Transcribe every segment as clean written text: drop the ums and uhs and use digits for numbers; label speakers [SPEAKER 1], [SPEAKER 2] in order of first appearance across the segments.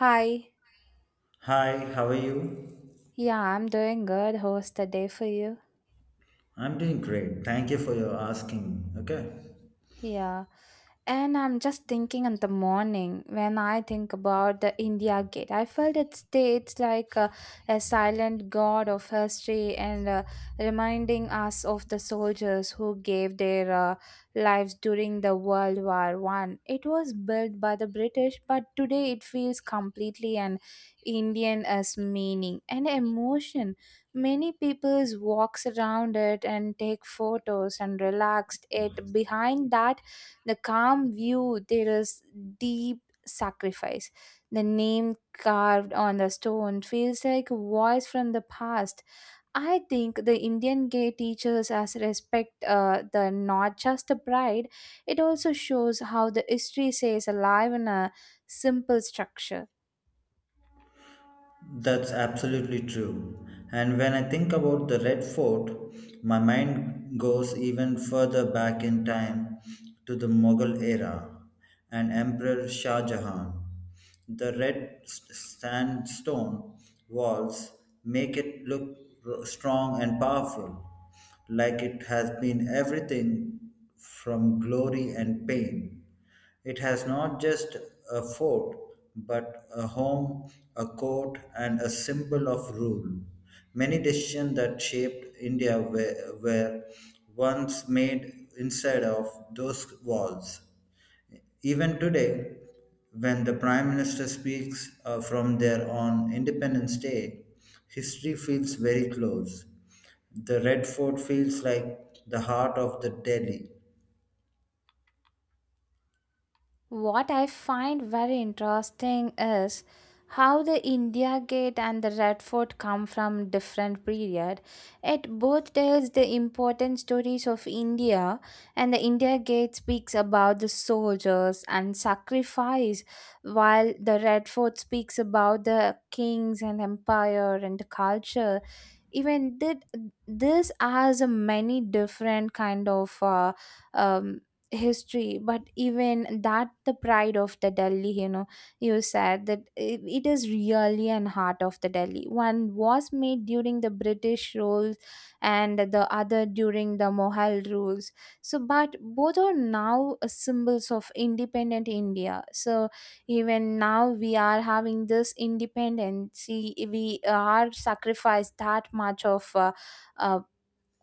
[SPEAKER 1] Hi.
[SPEAKER 2] Hi, how are you?
[SPEAKER 1] Yeah, I'm doing good. How's the day for you?
[SPEAKER 2] I'm doing great. Thank you for your asking. Okay.
[SPEAKER 1] Yeah. And I'm just thinking in the morning when I think about the India Gate, I felt it states like a silent god of history and reminding us of the soldiers who gave their lives during the World War I. It was built by the British, but today it feels completely an Indian as meaning and emotion. Many peoples walks around it and take photos and relaxed it behind that the calm view, there is deep sacrifice. The name carved on the stone feels like a voice from the past. I think the Indian gay teaches us respect the not just the bride. It also shows how the history stays alive in a simple structure.
[SPEAKER 2] That's absolutely true. And when I think about the Red Fort, my mind goes even further back in time to the Mughal era and Emperor Shah Jahan. The sandstone walls make it look strong and powerful like it has been everything from glory and pain. It has not just a fort, but a home, a court, and a symbol of rule. Many decisions that shaped India were once made inside of those walls. Even today, when the Prime Minister speaks from there on Independence Day, history feels very close. The Red Fort feels like the heart of the Delhi.
[SPEAKER 1] What I find very interesting is how the India Gate and the Red Fort come from different period. It both tells the important stories of India, and the India Gate speaks about the soldiers and sacrifice, while the Red Fort speaks about the kings and empire and the culture. Even that this has a many different kind of um, history, but even that, the pride of the Delhi. You said that it is really an heart of the Delhi. One was made during the British rules and the other during the Mohal rules. So but both are now symbols of independent India. So even now we are having this independence. See, we are sacrificed that much of uh,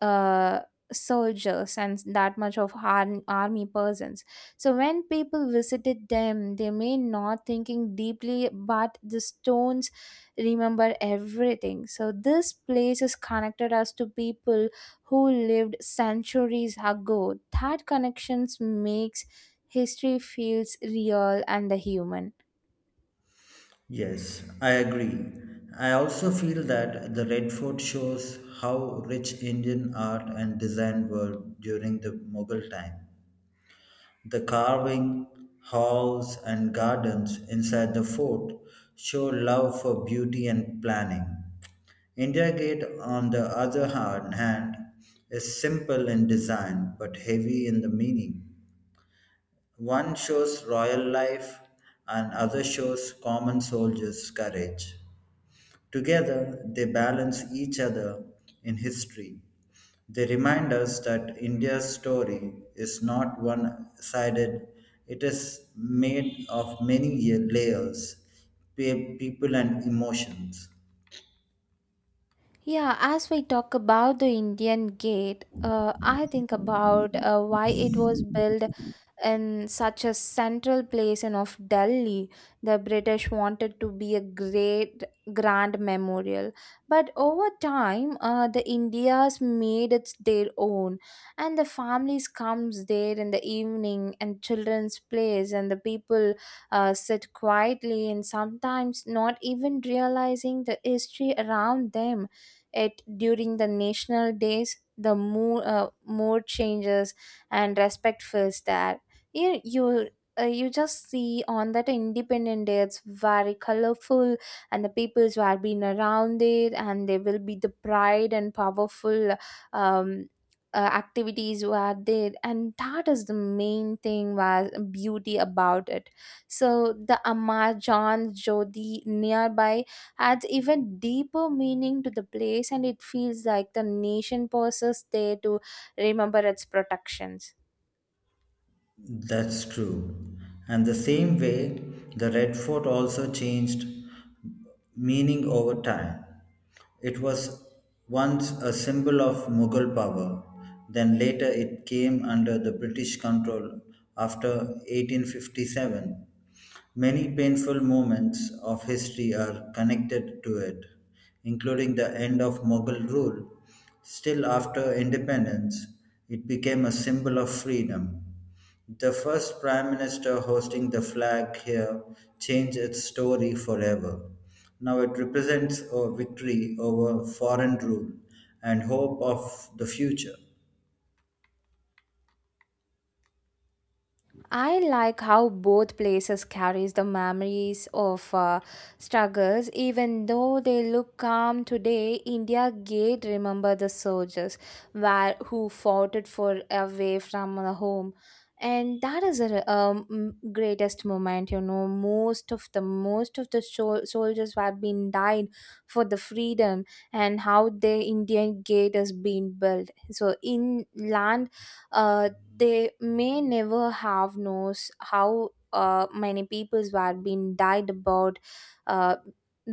[SPEAKER 1] uh, soldiers and that much of army persons. So when people visited them they may not thinking deeply, but the stones remember everything. So this place is connected us to people who lived centuries ago. That connections makes history feels real and the human.
[SPEAKER 2] Yes, I agree. I also feel that the Red Fort shows how rich Indian art and design were during the Mughal time. The carving, halls, and gardens inside the fort show love for beauty and planning. India Gate, on the other hand, is simple in design but heavy in the meaning. One shows royal life and other shows common soldiers' courage. Together, they balance each other in history. They remind us that India's story is not one sided, it is made of many layers, people, and emotions.
[SPEAKER 1] Yeah, as we talk about the Indian Gate, I think about why it was built in such a central place and of Delhi. The British wanted to be a great grand memorial, but over time, the Indians made it their own, and the families comes there in the evening, and children's plays, and the people sit quietly and sometimes not even realizing the history around them. It during the national days, the mood changes and respect fills that. You you you just see on that independent day it's very colorful, and the peoples who have been around it, and there will be the pride and powerful um, activities who are there, and that is the main thing was beauty about it. So the Amar John Jodi nearby adds even deeper meaning to the place, and it feels like the nation pauses there to remember its protections.
[SPEAKER 2] That's true. And the same way, the Red Fort also changed meaning over time. It was once a symbol of Mughal power, then later it came under the British control after 1857. Many painful moments of history are connected to it, including the end of Mughal rule. Still, after independence, it became a symbol of freedom. The first prime minister hosting the flag here changed its story forever. Now it represents a victory over foreign rule and hope of the future.
[SPEAKER 1] I like how both places carries the memories of struggles. Even though they look calm today, India gate remember the soldiers where, who fought it for away from the home. And that is a greatest moment. Most of the soldiers who been died for the freedom, and how the Indian gate has been built. So in land, uh, they may never have knows how many peoples were being died about, uh,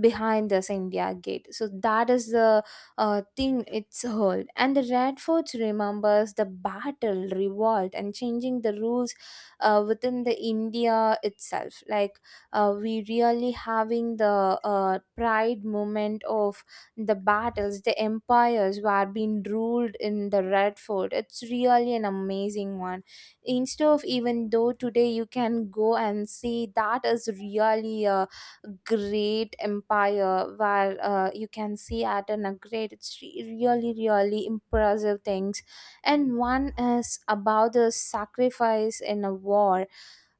[SPEAKER 1] behind this India gate. So that is the thing it's held. And the Red Fort remembers the battle, revolt, and changing the rules within the India itself. Like, we really having the pride moment of the battles, the empires were being ruled in the Red Fort. It's really an amazing one. Instead of even though today you can go and see that is really a great empire where you can see at an a great it's really really impressive things, and one is about the sacrifice in a war,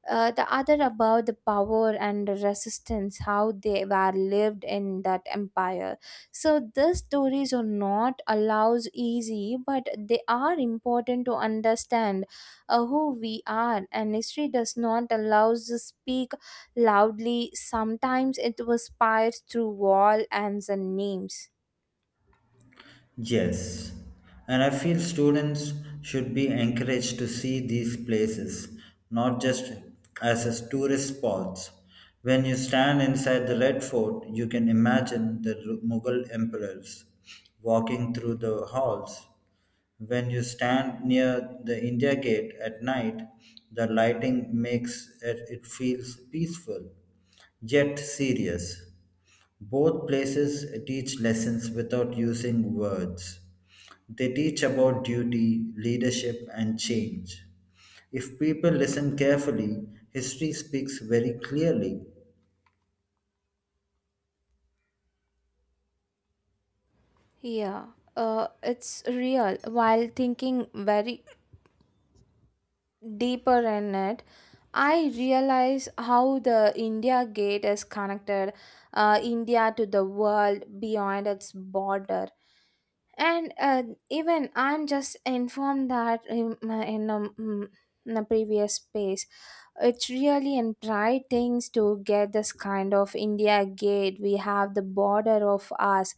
[SPEAKER 1] the other about the power and resistance, how they were lived in that empire. So these stories are not allows easy, but they are important to understand who we are. And history does not allow us to speak loudly. Sometimes it was inspired through wall and the names.
[SPEAKER 2] Yes, and I feel students should be encouraged to see these places, not just as a tourist spots. When you stand inside the Red Fort, you can imagine the Mughal emperors walking through the halls. When you stand near the India Gate at night, the lighting makes it feels peaceful yet serious. Both places teach lessons without using words. They teach about duty, leadership, and change. If people listen carefully, history speaks very clearly.
[SPEAKER 1] Yeah, it's real. While thinking very deeper in it, I realize how the India Gate is connected, India to the world beyond its border, and even I'm just informed that in a previous space. It's really and pride things to get this kind of India gate. We have the border of us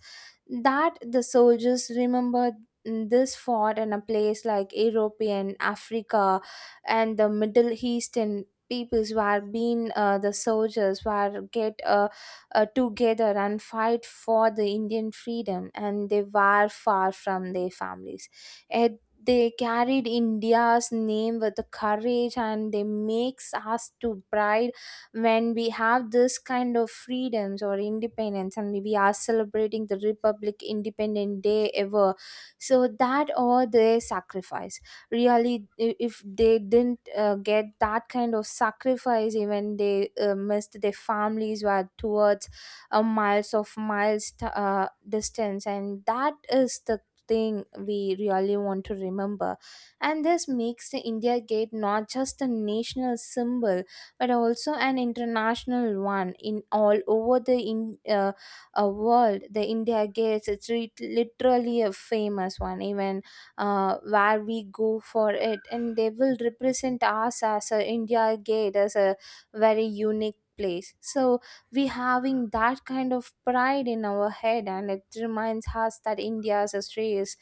[SPEAKER 1] that the soldiers remember this fort in a place like European Africa, and the Middle Eastern peoples were being, the soldiers were get together and fight for the Indian freedom, and they were far from their families. Eh, they carried India's name with the courage, and they makes us to pride when we have this kind of freedoms or independence, and we are celebrating the Republic Independent Day ever. So that all their sacrifice. Really, if they didn't get that kind of sacrifice, even they missed their families were towards a miles of miles distance, and that is the thing we really want to remember. And this makes the India Gate not just a national symbol but also an international one. In all over the world, the India Gates it's literally a famous one. Even where we go for it, and they will represent us as a India Gate as a very unique place. So we having that kind of pride in our head, and it reminds us that India's history is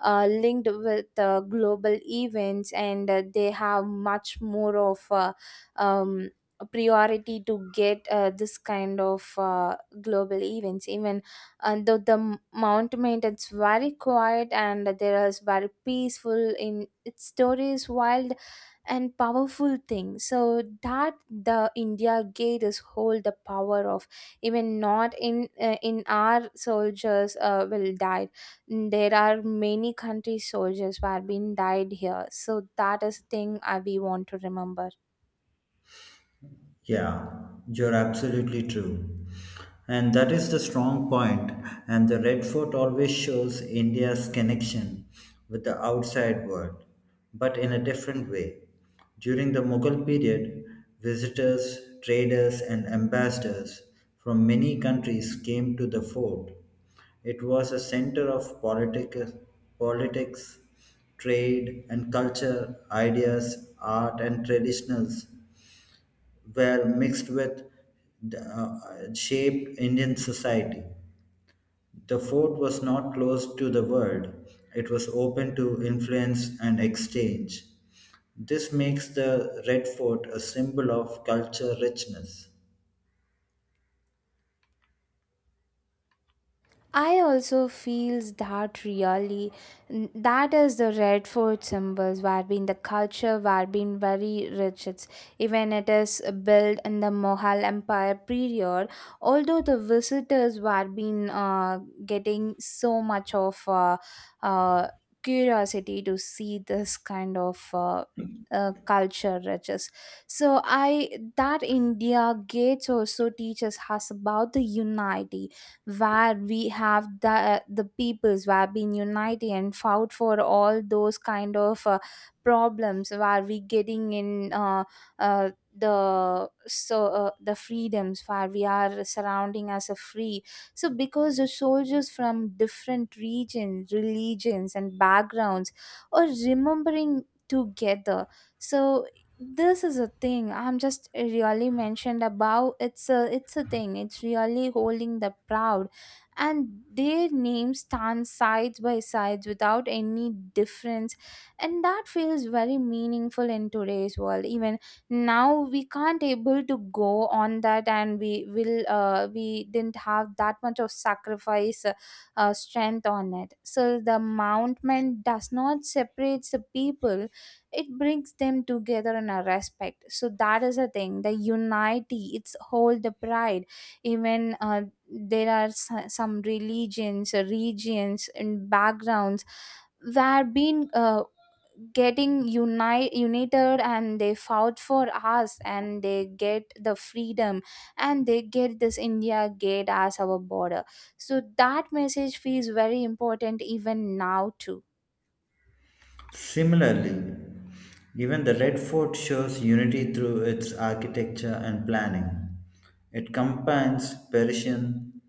[SPEAKER 1] linked with global events, and they have much more of um, a priority to get this kind of global events, even though the Mount, it's very quiet and there is very peaceful in its stories is wild and powerful thing, so that the India gave us whole the power of even not in our soldiers will die. There are many country soldiers who have been died here, so that is thing we want to remember.
[SPEAKER 2] Yeah, you're absolutely true. And that is the strong point. And the Red Fort always shows India's connection with the outside world, but in a different way. During the Mughal period, visitors, traders, and ambassadors from many countries came to the fort. It was a center of politics, trade, and culture, ideas, art, and traditionals were mixed with the shaped Indian society. The fort was not closed to the world, it was open to influence and exchange. This makes the Red Fort a symbol of culture richness.
[SPEAKER 1] I also feels that really that is the Red Food symbols where been the culture where been very rich. It's even it is built in the Mohal Empire period. Although the visitors were been getting so much of uh, curiosity to see this kind of. Culture riches, so I that India Gates also teaches us about the unity where we have the peoples who have been united and fought for all those kind of problems where we getting in uh, the. So the freedoms where we are surrounding as a free, so because the soldiers from different regions religions and backgrounds are remembering together. So this is a thing I'm just really mentioned about, it's a thing, it's really holding the proud, and their names stand sides by sides without any difference. And that feels very meaningful in today's world. Even now we can't able to go on that, and we didn't have that much of sacrifice strength on it. So the mountain does not separates the people, it brings them together in a respect. So that is a thing the unity, it's hold the pride. Even there are some religions regions and backgrounds where been getting united, and they fought for us and they get the freedom, and they get this India gate as our border. So that message feels very important even now too.
[SPEAKER 2] Similarly, even the Red Fort shows unity through its architecture and planning. It combines Persian,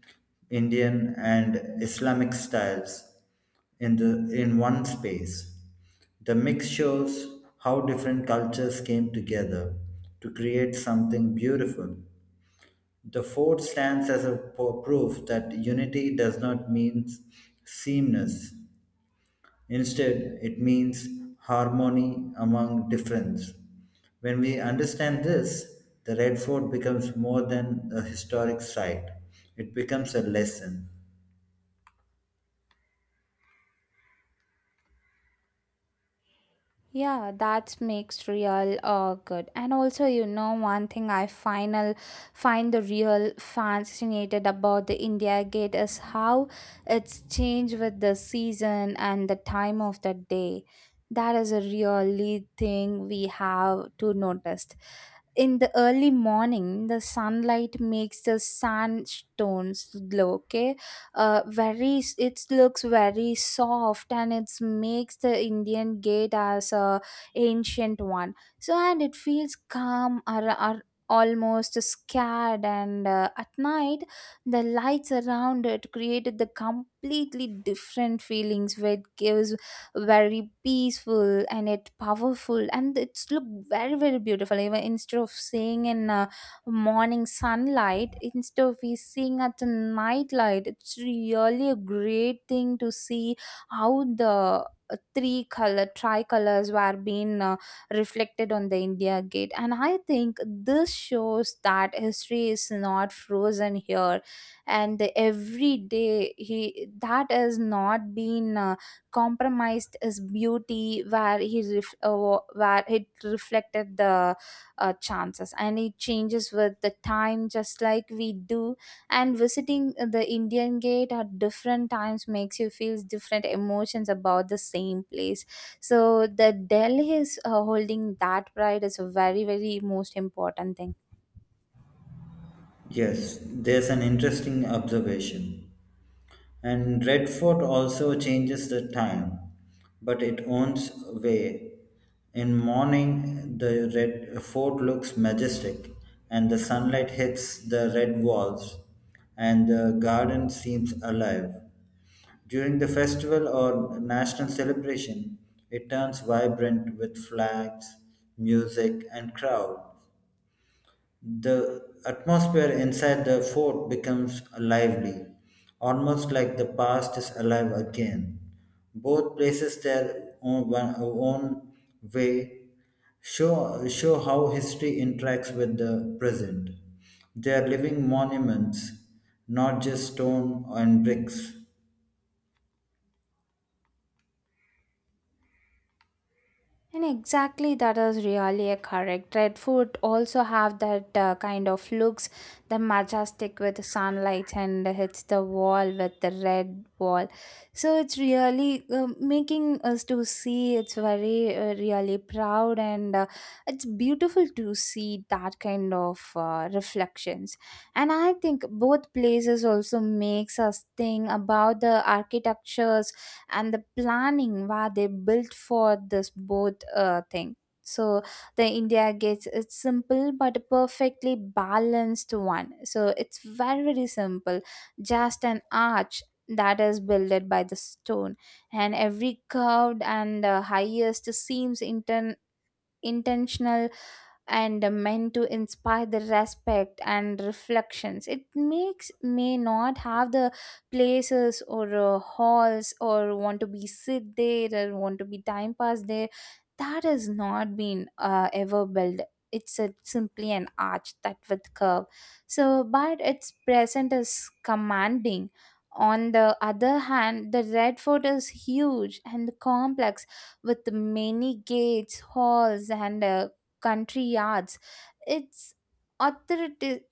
[SPEAKER 2] Indian, and Islamic styles in one space. The mix shows how different cultures came together to create something beautiful. The fort stands as a proof that unity does not mean sameness. Instead, it means harmony among difference. When we understand this, the Red Fort becomes more than a historic site, it becomes a lesson.
[SPEAKER 1] Yeah, that makes real good. And also, one thing I final find the real fascinated about the India Gate is how it's changed with the season and the time of the day. That is a really thing we have to notice. In the early morning, the sunlight makes the sandstones glow, okay? Very it looks very soft and it makes the Indian gate as a ancient one, so and it feels calm or almost scared. And at night the lights around it created the completely different feelings where it gives very peaceful and it powerful, and it's look very very beautiful. Even instead of seeing in morning sunlight, instead of we seeing at the night light, it's really a great thing to see how the three color tricolors were being reflected on the India gate. And I think this shows that history is not frozen here, and every day he that has not been compromised his beauty where where it reflected the chances, and it changes with the time just like we do. And visiting the Indian gate at different times makes you feel different emotions about the same place. So the Delhi is holding that pride is a very very most important thing.
[SPEAKER 2] Yes, there's an interesting observation. And Redfort also changes the time, but it owns way. In morning, the red fort looks majestic, and the sunlight hits the red walls, and the garden seems alive. During the festival or national celebration, it turns vibrant with flags, music, and crowd. The atmosphere inside the fort becomes lively, almost like the past is alive again. Both places their own way show how history interacts with the present. They are living monuments, not just stone and bricks.
[SPEAKER 1] And exactly that is really a correct. Red food also have that kind of looks, the majestic with sunlight and hits the wall with the red wall. So it's really making us to see. It's very really proud and it's beautiful to see that kind of reflections. And I think both places also makes us think about the architectures and the planning where they built for this both thing so the india gets it's simple but a perfectly balanced one so it's very very simple just an arch that is builded by the stone and every curved and highest seems intentional and meant to inspire the respect and reflections. It makes may not have the places or halls or want to be sit there or want to be time pass there. That has not been ever built. It's a, simply an arch that with curve. So, but its present is commanding. On the other hand, the red fort is huge and complex with many gates, halls, and country yards. It's authority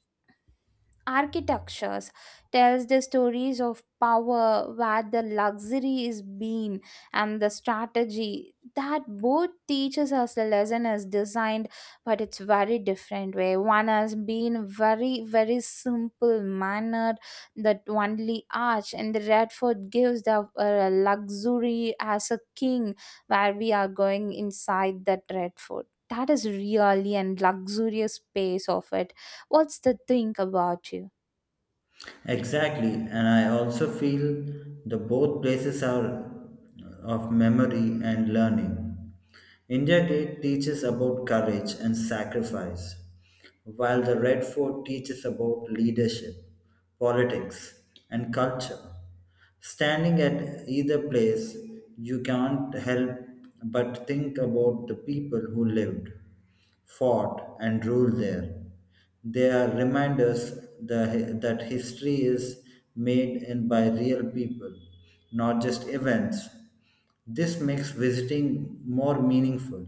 [SPEAKER 1] architectures tells the stories of power where the luxury is being and the strategy that both teaches us the lesson is designed but it's very different way one has been very very simple mannered that only arch and the redford gives the luxury as a king where we are going inside that redford that is really and luxurious space of it what's the thing about you?
[SPEAKER 2] Exactly, and I also feel the both places are of memory and learning. India Gate teaches about courage and sacrifice, while the Red Fort teaches about leadership, politics, and culture. Standing at either place, you can't help but think about the people who lived fought and ruled there. They are reminders that history is made in by real people, not just events. This makes visiting more meaningful.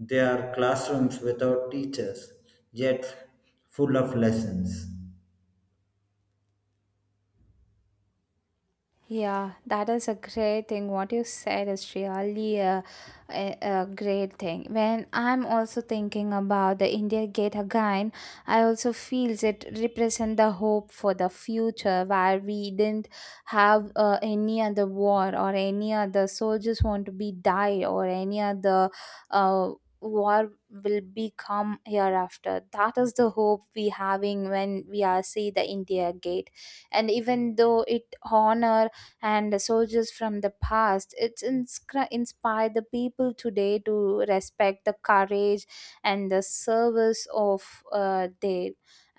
[SPEAKER 2] They are classrooms without teachers, yet full of lessons.
[SPEAKER 1] Yeah, that is a great thing. What you said is really a great thing. When I'm also thinking about the India Gate again, I also feels it represent the hope for the future where we didn't have any other war or any other soldiers want to be die or any other uh, war will become hereafter. That is the hope we having when we are see the India Gate, and even though it honor and the soldiers from the past. It's inspired the people today to respect the courage and the service of their.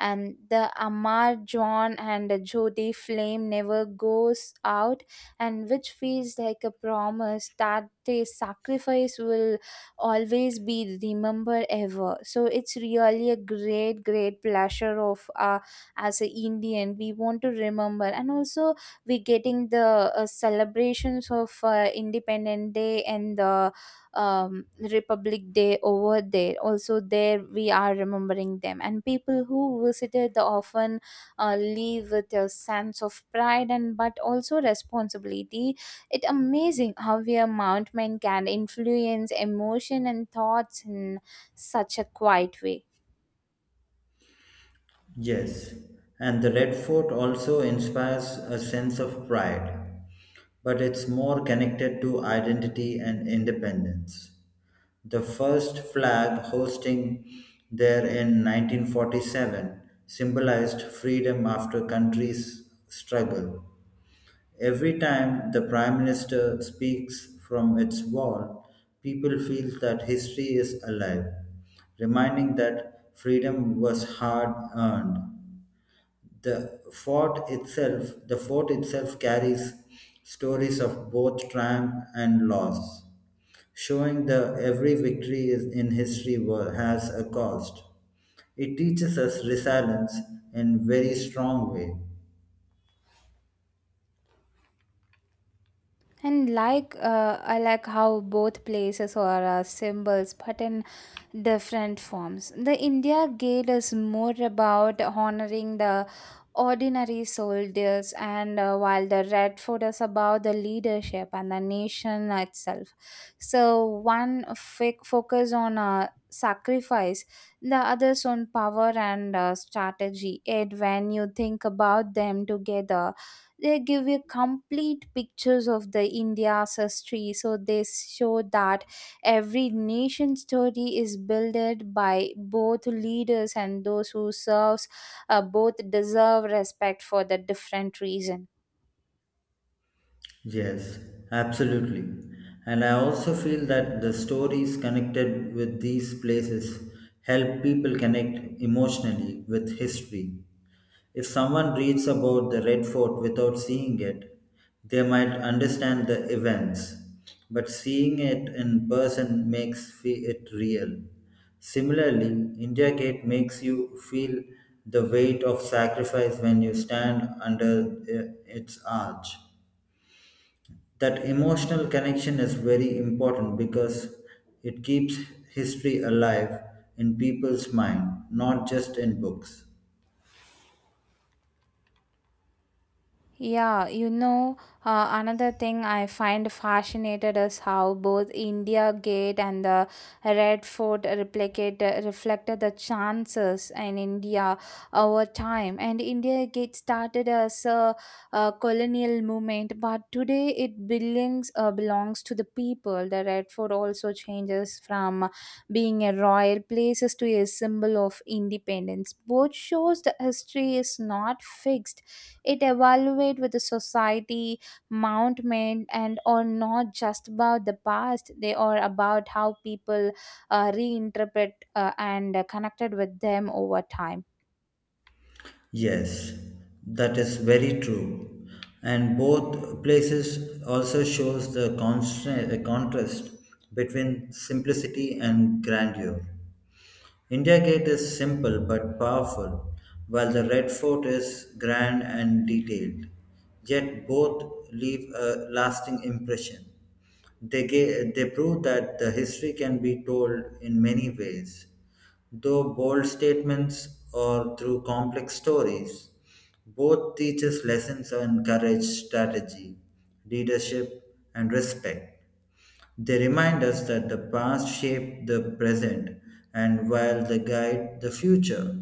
[SPEAKER 1] And the Amar John and the Jyoti flame never goes out, and which feels like a promise that the sacrifice will always be remembered ever. So it's really a great, great pleasure of as an Indian we want to remember, and also we getting the celebrations of independent day and the um, republic day over there also there we are remembering them and people who visited the often leave with a sense of pride and but also responsibility it amazing how a mountain can influence emotion and thoughts in such a quiet way.
[SPEAKER 2] Yes, and the Red Fort also inspires a sense of pride, but it's more connected to identity and independence. The first flag hosting there in 1947 symbolized freedom after country's struggle. Every time the prime minister speaks from its wall, people feel that history is alive, reminding that freedom was hard earned. The fort itself carries stories of both triumph and loss showing that every victory is in history has a cost. It teaches us resilience in very strong way.
[SPEAKER 1] And like, I like how both places are symbols, but in different forms. The India Gate is more about honoring the ordinary soldiers, and while the Red Fort is about the leadership and the nation itself. So one focus on sacrifice, the others on power and strategy. And when you think about them together they give you complete pictures of the india's history so they show that every nation story is built by both leaders and those who serves both deserve respect for the different reason.
[SPEAKER 2] Yes, absolutely. And I also feel that the stories connected with these places help people connect emotionally with history. If someone reads about the Red Fort without seeing it, they might understand the events, but seeing it in person makes it real. Similarly, India Gate makes you feel the weight of sacrifice when you stand under its arch. That emotional connection is very important because it keeps history alive in people's mind, not just in books.
[SPEAKER 1] Yeah, you know, another thing I find fascinated is how both India Gate and the Red Fort replicate, reflected the chances in India over time. And India Gate started as a colonial movement, but today it belongs belongs to the people. The Red Fort also changes from being a royal place to a symbol of independence. Both shows the history is not fixed it evaluates with the society, mountement, and or not just about the past. They are about how people reinterpret and connected with them over time.
[SPEAKER 2] Yes, that is very true. And both places also shows the contrast between simplicity and grandeur. India Gate is simple but powerful, while the Red Fort is grand and detailed. Yet both leave a lasting impression. They prove that the history can be told in many ways. Though bold statements or through complex stories, both teaches lessons on courage, strategy, leadership, and respect. They remind us that the past shaped the present and while they guide the future.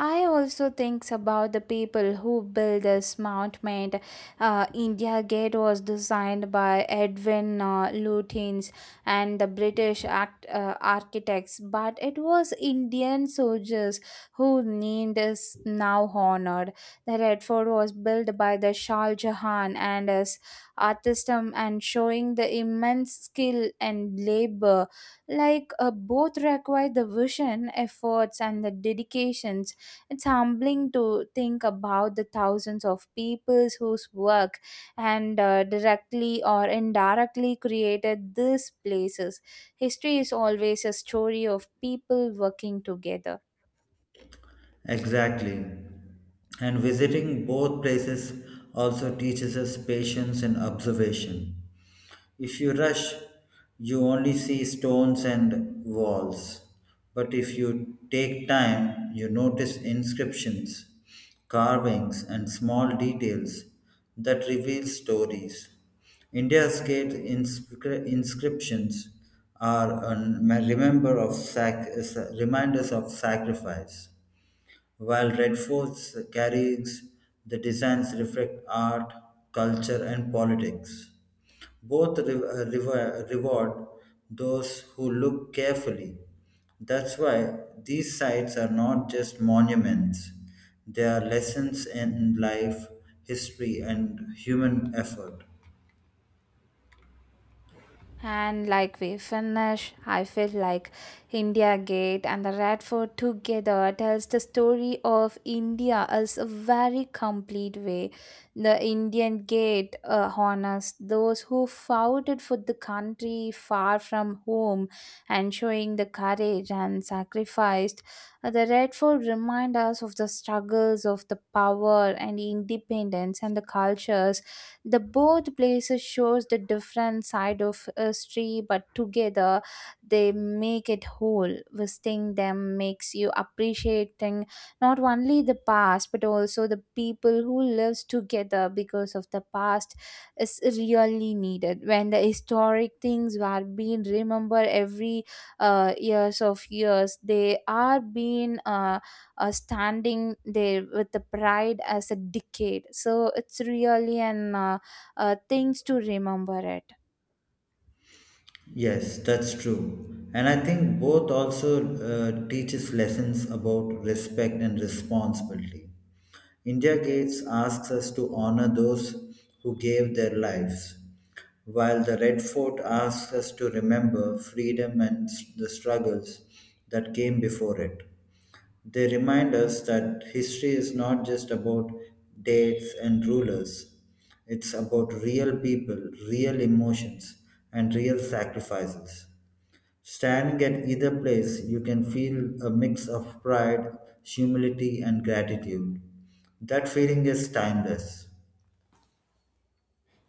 [SPEAKER 1] I also thinks about the people who built this monument. India Gate was designed by Edwin Lutyens and the British architects, but it was Indian soldiers who named is now honored. The Red Fort was built by the Shah Jahan and his artism and showing the immense skill and labor like both require the vision efforts and the dedication it's humbling to think about the thousands of people whose work and directly or indirectly created these places. History is always a story of people working together.
[SPEAKER 2] Exactly. And visiting both places also teaches us patience and observation. If you rush, you only see stones and walls. But if you take time, you notice inscriptions, carvings, and small details that reveal stories. India's gate inscriptions are a remember of sac- reminders of sacrifice, while red forts carries the designs reflect art, culture, and politics. Both reward those who look carefully. That's why these sites are not just monuments, they are lessons in life, history, and human effort.
[SPEAKER 1] And like we finish, I feel like India Gate and the Red Fort together tells the story of India as a very complete way. The Indian Gate honors those who fought it for the country far from home and showing the courage and sacrificed. The Red Fort reminds us of the struggles of the power and independence and the cultures the both places shows the different side of history, but together they make it whole. Visiting them makes you appreciating not only the past but also the people who lives together because of the past is really needed. When the historic things were being remembered every years of years, they are being standing there with the pride as a decade. So it's really an things to remember it.
[SPEAKER 2] Yes, that's true. And I think both also teaches lessons about respect and responsibility. India Gates asks us to honor those who gave their lives, while the Red Fort asks us to remember freedom and the struggles that came before it. They remind us that history is not just about dates and rulers, it's about real people, real emotions, and real sacrifices. Standing at either place, you can feel a mix of pride, humility, and gratitude. That feeling is timeless.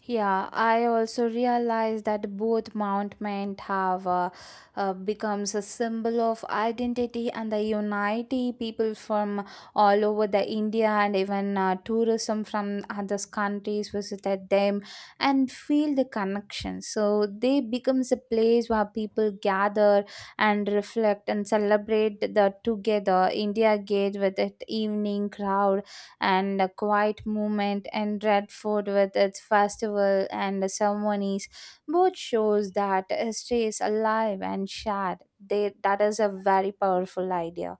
[SPEAKER 1] Yeah, I also realized that both Mount have becomes a symbol of identity and the unity people from all over the India and even tourism from other countries visited them and feel the connection. So they becomes a place where people gather and reflect and celebrate the together India Gate with its evening crowd and a quiet movement and Redford with its festival and ceremonies both shows that history is alive and shared. That is a very powerful idea.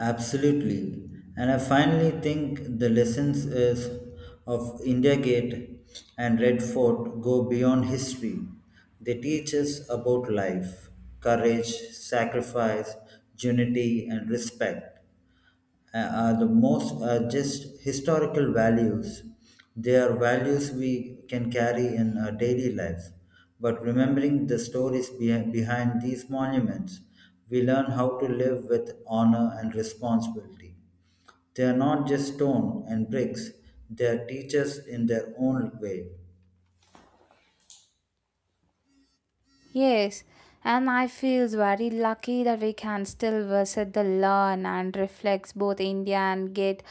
[SPEAKER 2] Absolutely. And I finally think the lessons is of India Gate and Red Fort go beyond history. They teach us about life, courage, sacrifice, unity, and respect. Uh, are the most just historical values. They are values we can carry in our daily lives. But remembering the stories behind these monuments, we learn how to live with honor and responsibility. They are not just stone and bricks, they are teachers in their own way.
[SPEAKER 1] Yes, and I feel very lucky that we can still visit the learn and reflects both India and get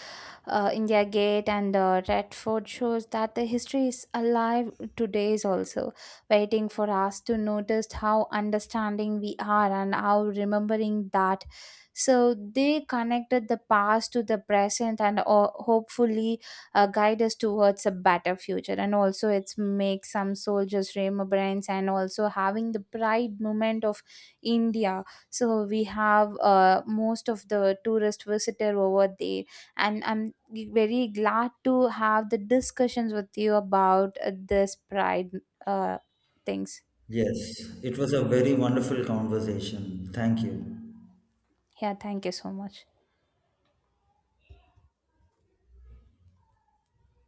[SPEAKER 1] India Gate and Red Fort shows that the history is alive today is also waiting for us to notice how understanding we are and how remembering that. So they connected the past to the present and hopefully guide us towards a better future. And also it's make some soldiers remembrance and also having the pride moment of India. So we have most of the tourist visitor over there and I'm very glad to have the discussions with you about this pride uh, things.
[SPEAKER 2] Yes, it was a very wonderful conversation. Thank you.
[SPEAKER 1] Yeah, thank you so much.